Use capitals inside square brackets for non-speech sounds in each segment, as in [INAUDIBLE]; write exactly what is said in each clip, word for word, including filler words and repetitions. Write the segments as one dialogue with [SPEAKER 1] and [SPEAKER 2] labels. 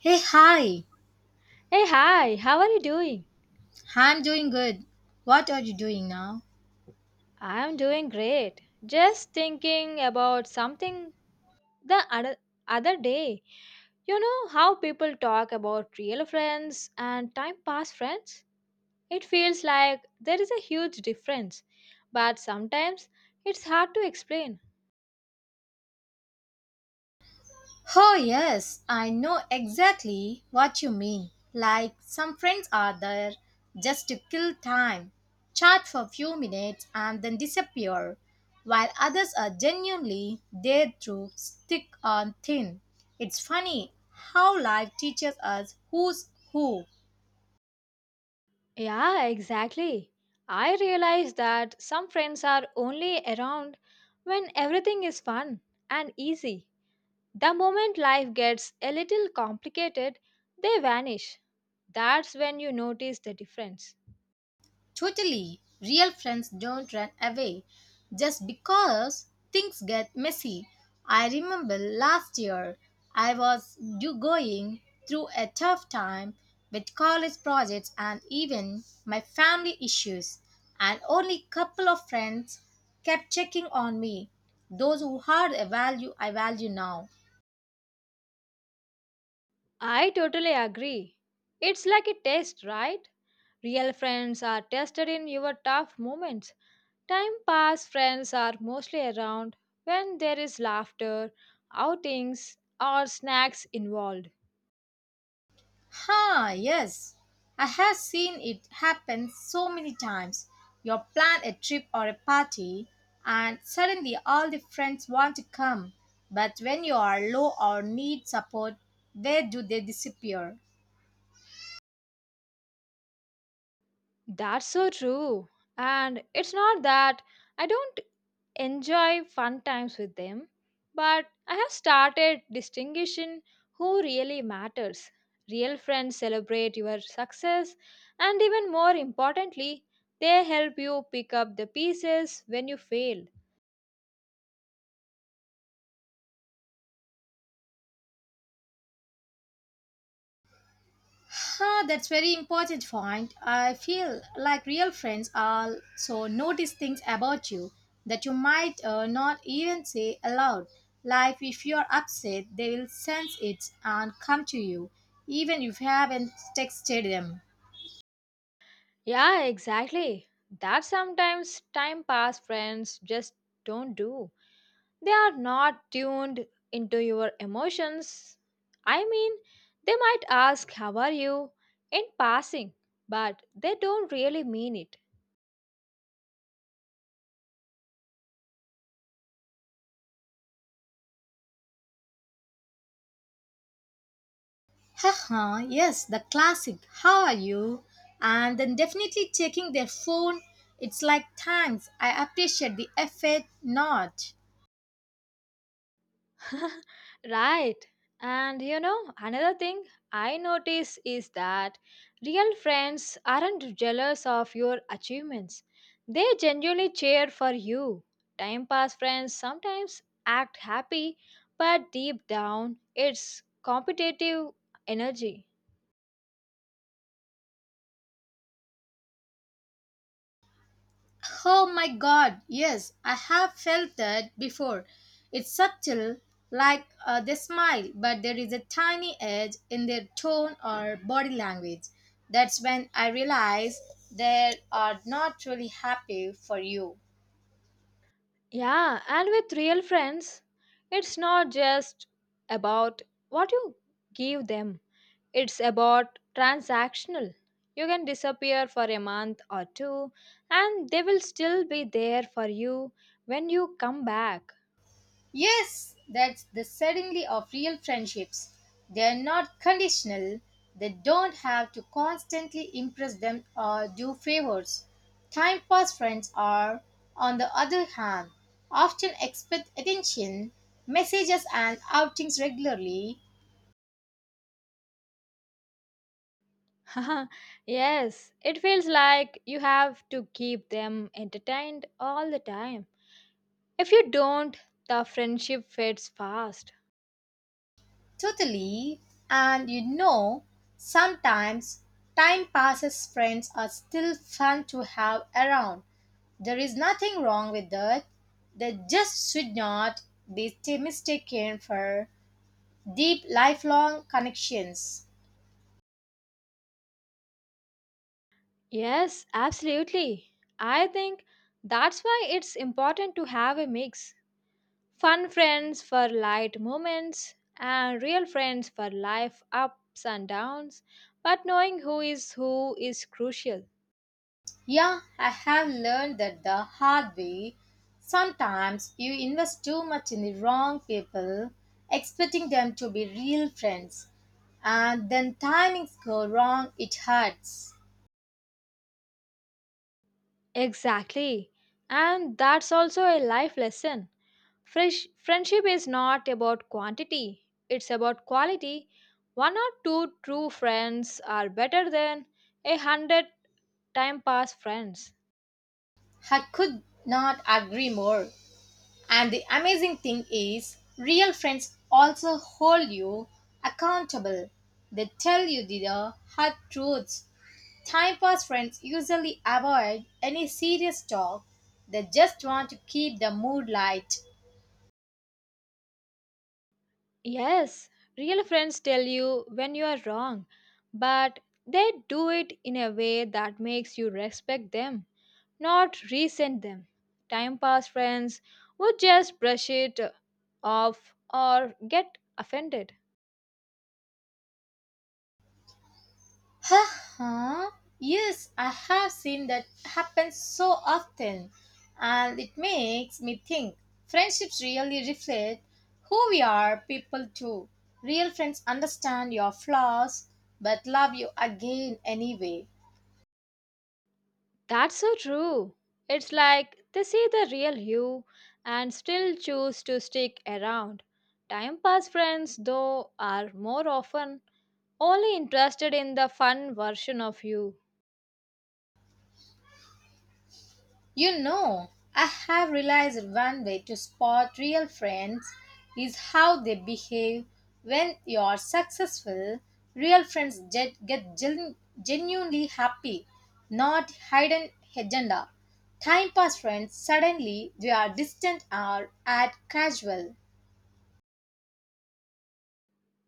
[SPEAKER 1] Hey, hi.
[SPEAKER 2] Hey, hi, how are you doing?
[SPEAKER 1] I'm doing good. What are you doing now?
[SPEAKER 2] I'm doing great. Just thinking about something the other, other day. You know how people talk about real friends and time pass friends? It feels like there is a huge difference, but sometimes it's hard to explain.
[SPEAKER 1] Oh, yes, I know exactly what you mean. Like some friends are there just to kill time, chat for a few minutes and then disappear, while others are genuinely there to stick on thin. It's funny how life teaches us who's who.
[SPEAKER 2] Yeah, exactly. I realize that some friends are only around when everything is fun and easy. The moment life gets a little complicated, they vanish. That's when you notice the difference.
[SPEAKER 1] Totally. Real friends don't run away just because things get messy. I remember last year I was do- going through a tough time with college projects and even my family issues and only couple of friends kept checking on me. Those who had a value I value now.
[SPEAKER 2] I totally agree. It's like a test, right? Real friends are tested in your tough moments. Time pass friends are mostly around when there is laughter, outings, or snacks involved.
[SPEAKER 1] Ha, yes. I have seen it happen so many times. You plan a trip or a party, and suddenly all the friends want to come. But when you are low or need support, where do they disappear?
[SPEAKER 2] That's so true. And it's not that I don't enjoy fun times with them, but I have started distinguishing who really matters. Real friends celebrate your success, and even more importantly, they help you pick up the pieces when you fail.
[SPEAKER 1] Huh, that's very important point. I feel like real friends also notice things about you that you might uh, not even say aloud. Like if you're upset, they will sense it and come to you, even if you haven't texted them.
[SPEAKER 2] Yeah, exactly. That sometimes time pass friends just don't do. They are not tuned into your emotions. I mean, they might ask, "How are you?" in passing, but they don't really mean it.
[SPEAKER 1] Haha, yes, the classic. How are you? And then definitely checking their phone. It's like thanks. I appreciate the effort. Not.
[SPEAKER 2] [LAUGHS] Right. And you know, another thing I notice is that real friends aren't jealous of your achievements, they genuinely cheer for you. Time pass friends sometimes act happy, but deep down, it's competitive energy.
[SPEAKER 1] Oh my god, yes, I have felt that before. It's subtle, like uh, they smile, but there is a tiny edge in their tone or body language. That's when I realize they are not really happy for you.
[SPEAKER 2] Yeah, and with real friends, it's not just about what you give them, it's about transactional. You can disappear for a month or two, and they will still be there for you when you come back.
[SPEAKER 1] Yes, that's the certainty of real friendships. They're not conditional, they don't have to constantly impress them or do favors. Time pass friends are, on the other hand, often expect attention, messages, and outings regularly.
[SPEAKER 2] [LAUGHS] Yes, it feels like you have to keep them entertained all the time. If you don't, the friendship fades fast.
[SPEAKER 1] Totally. And you know, sometimes time passes friends are still fun to have around. There is nothing wrong with that. They just should not be mistaken for deep lifelong connections.
[SPEAKER 2] Yes, absolutely. I think that's why it's important to have a mix. Fun friends for light moments and real friends for life ups and downs, but knowing who is who is crucial.
[SPEAKER 1] Yeah, I have learned that the hard way. Sometimes you invest too much in the wrong people, expecting them to be real friends, and then timings go wrong, it hurts.
[SPEAKER 2] Exactly. And that's also a life lesson. Frish- Friendship is not about quantity, it's about quality. One or two true friends are better than a hundred time pass friends.
[SPEAKER 1] I could not agree more. And the amazing thing is, real friends also hold you accountable. They tell you the hard truths. Time pass friends usually avoid any serious talk. They just want to keep the mood light.
[SPEAKER 2] Yes, real friends tell you when you are wrong, but they do it in a way that makes you respect them, not resent them. Time pass friends would just brush it off or get offended.
[SPEAKER 1] Haha, yes, I have seen that happen so often, and it makes me think friendships really reflect who we are, people too. Real friends understand your flaws but love you again anyway.
[SPEAKER 2] That's so true. It's like they see the real you and still choose to stick around. Time pass friends, though, are more often only interested in the fun version of you.
[SPEAKER 1] You know, I have realized one way to spot real friends is how they behave when you are successful. Real friends get, get gen- genuinely happy, not hidden agenda. Time pass friends suddenly they are distant or act casual.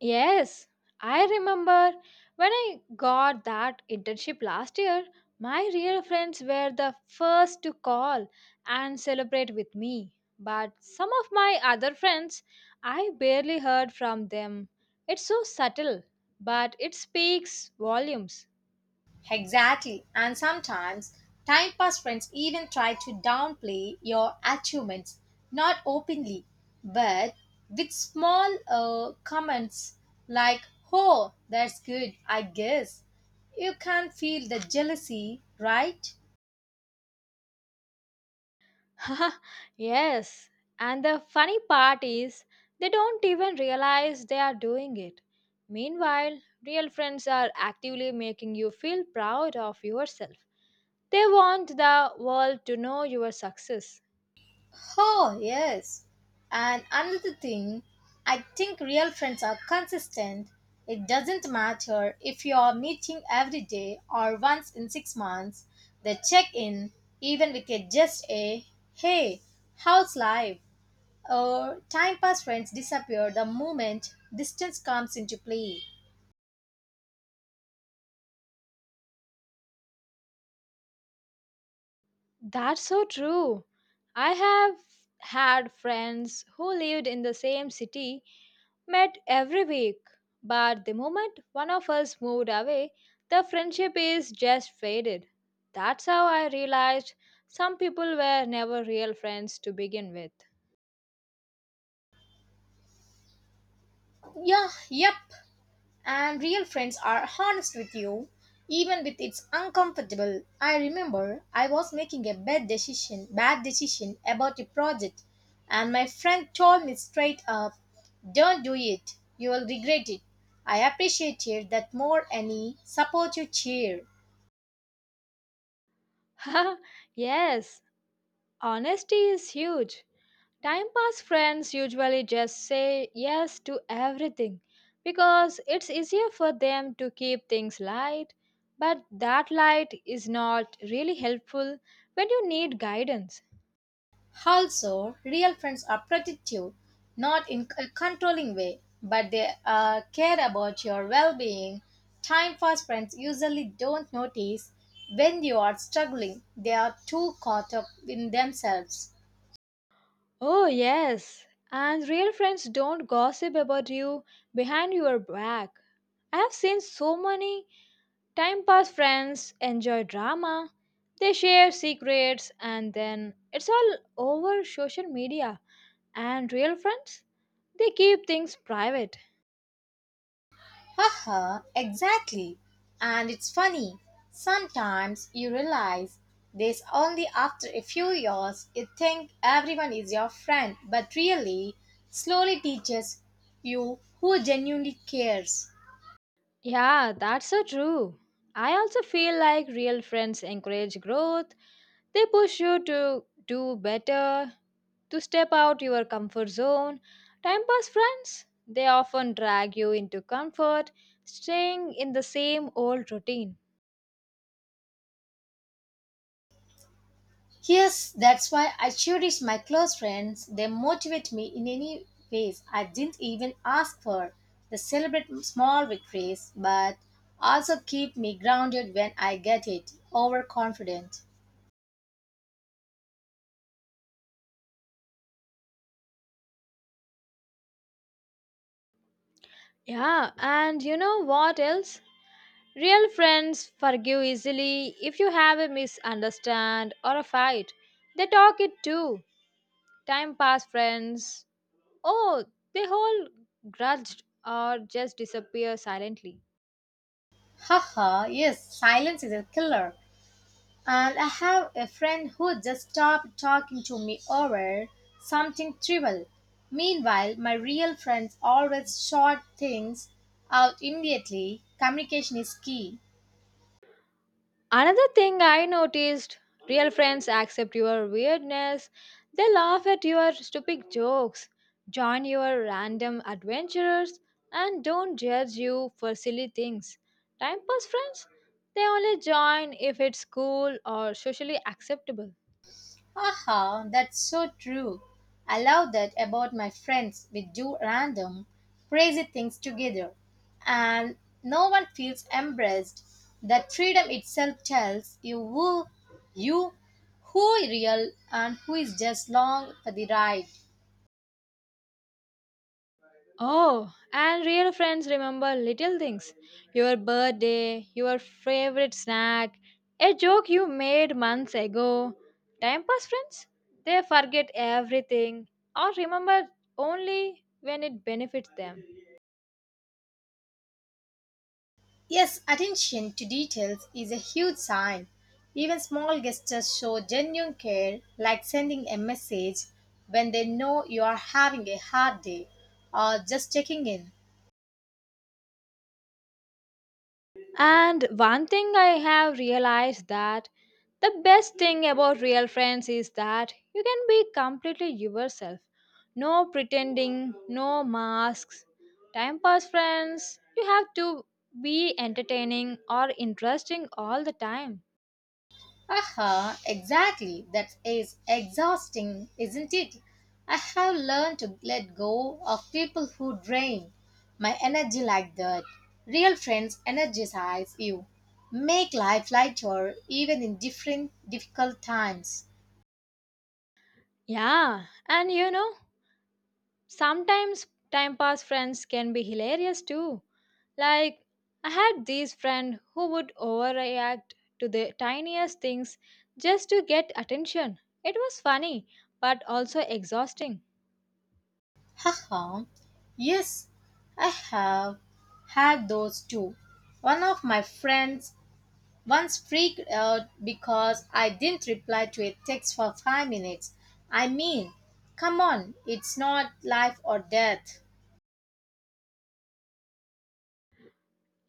[SPEAKER 2] Yes, I remember when I got that internship last year, my real friends were the first to call and celebrate with me. But some of my other friends, I barely heard from them. It's so subtle, but it speaks volumes.
[SPEAKER 1] Exactly. And sometimes time pass friends even try to downplay your achievements, not openly, but with small uh, comments like, oh, that's good, I guess. You can feel the jealousy, right?
[SPEAKER 2] [LAUGHS] Yes, and the funny part is they don't even realize they are doing it. Meanwhile, real friends are actively making you feel proud of yourself. They want the world to know your success.
[SPEAKER 1] Oh, yes. And another thing, I think real friends are consistent. It doesn't matter if you are meeting every day or once in six months, they check in, even with a just a hey, how's life? Or time pass friends disappear the moment distance comes into play.
[SPEAKER 2] That's so true. I have had friends who lived in the same city met every week, but the moment one of us moved away, the friendship is just faded. That's how I realized some people were never real friends to begin with.
[SPEAKER 1] Yeah, yep. And real friends are honest with you, even with it's uncomfortable. I remember I was making a bad decision, bad decision about a project, and my friend told me straight up, "Don't do it. You will regret it." I appreciated that more any supportive cheer.
[SPEAKER 2] [LAUGHS] Yes, honesty is huge. Time pass friends usually just say yes to everything because it's easier for them to keep things light, but that light is not really helpful when you need guidance.
[SPEAKER 1] Also, real friends are protective, not in a controlling way, but they uh, care about your well being. Time fast friends usually don't notice when you are struggling, they are too caught up in themselves.
[SPEAKER 2] Oh, yes. And real friends don't gossip about you behind your back. I have seen so many time pass friends enjoy drama. They share secrets and then it's all over social media. And real friends, they keep things private.
[SPEAKER 1] Haha, exactly. And it's funny, sometimes you realize this only after a few years. You think everyone is your friend, but really, slowly teaches you who genuinely cares.
[SPEAKER 2] Yeah, that's so true. I also feel like real friends encourage growth. They push you to do better, to step out your comfort zone. Time pass friends, they often drag you into comfort, staying in the same old routine.
[SPEAKER 1] Yes, that's why I cherish my close friends. They motivate me in any ways I didn't even ask for. They celebrate small victories, but also keep me grounded when I get it overconfident.
[SPEAKER 2] Yeah, and you know what else? Real friends forgive easily if you have a misunderstand or a fight. They talk it too. Time pass friends. Oh, they hold grudge or just disappear silently.
[SPEAKER 1] Haha, yes, silence is a killer. And I have a friend who just stopped talking to me over something trivial. Meanwhile, my real friends always sort things out immediately. Communication is key.
[SPEAKER 2] Another thing I noticed, real friends accept your weirdness, they laugh at your stupid jokes, join your random adventures, and don't judge you for silly things. Time pass friends, they only join if it's cool or socially acceptable.
[SPEAKER 1] Haha, that's so true. I love that about my friends. We do random, crazy things together, and no one feels embarrassed. That freedom itself tells you who you who is real and who is just long for the ride.
[SPEAKER 2] Oh, and real friends remember little things, your birthday, your favorite snack, a joke you made months ago. Time pass friends, they forget everything or remember only when it benefits them.
[SPEAKER 1] Yes, attention to details is a huge sign. Even small gestures show genuine care, like sending a message when they know you are having a hard day or just checking in.
[SPEAKER 2] And one thing I have realized that the best thing about real friends is that you can be completely yourself. No pretending, no masks. Time pass friends, you have to be entertaining or interesting all the time.
[SPEAKER 1] Aha, exactly. That is exhausting, isn't it? I have learned to let go of people who drain my energy like that. Real friends energize you, make life lighter even in different difficult times.
[SPEAKER 2] Yeah, and you know, sometimes time pass friends can be hilarious too. Like, I had these friend who would overreact to the tiniest things just to get attention. It was funny, but also exhausting.
[SPEAKER 1] Haha. Yes, I have had those too. One of my friends once freaked out because I didn't reply to a text for five minutes. I mean, come on, it's not life or death.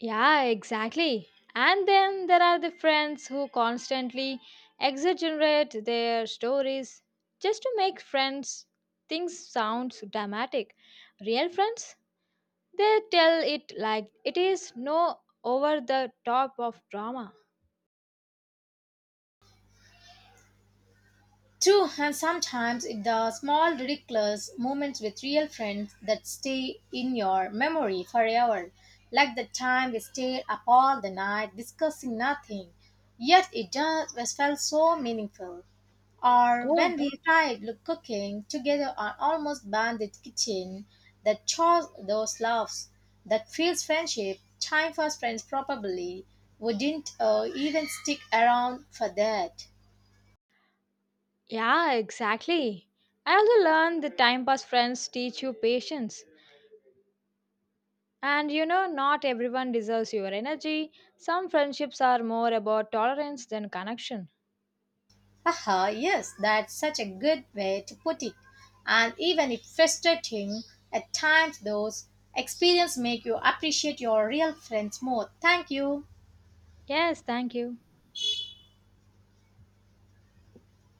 [SPEAKER 2] Yeah, exactly. And then there are the friends who constantly exaggerate their stories just to make friends things sound dramatic. Real friends, they tell it like it is no over the top of drama.
[SPEAKER 1] True, and sometimes it's the small, ridiculous moments with real friends that stay in your memory forever. Like the time we stayed up all the night discussing nothing, yet it just was felt so meaningful. Or
[SPEAKER 2] Oh,
[SPEAKER 1] when we tried look cooking together on almost bandit kitchen that chose those loves, that feels friendship, time for friends probably wouldn't uh, even stick around for that.
[SPEAKER 2] yeah, exactly. I also learned that time pass friends teach you patience. And you know, not everyone deserves your energy. Some friendships are more about tolerance than connection.
[SPEAKER 1] Haha, yes, that's such a good way to put it. And even if frustrating, at times those experiences make you appreciate your real friends more. Thank you.
[SPEAKER 2] Yes, thank you.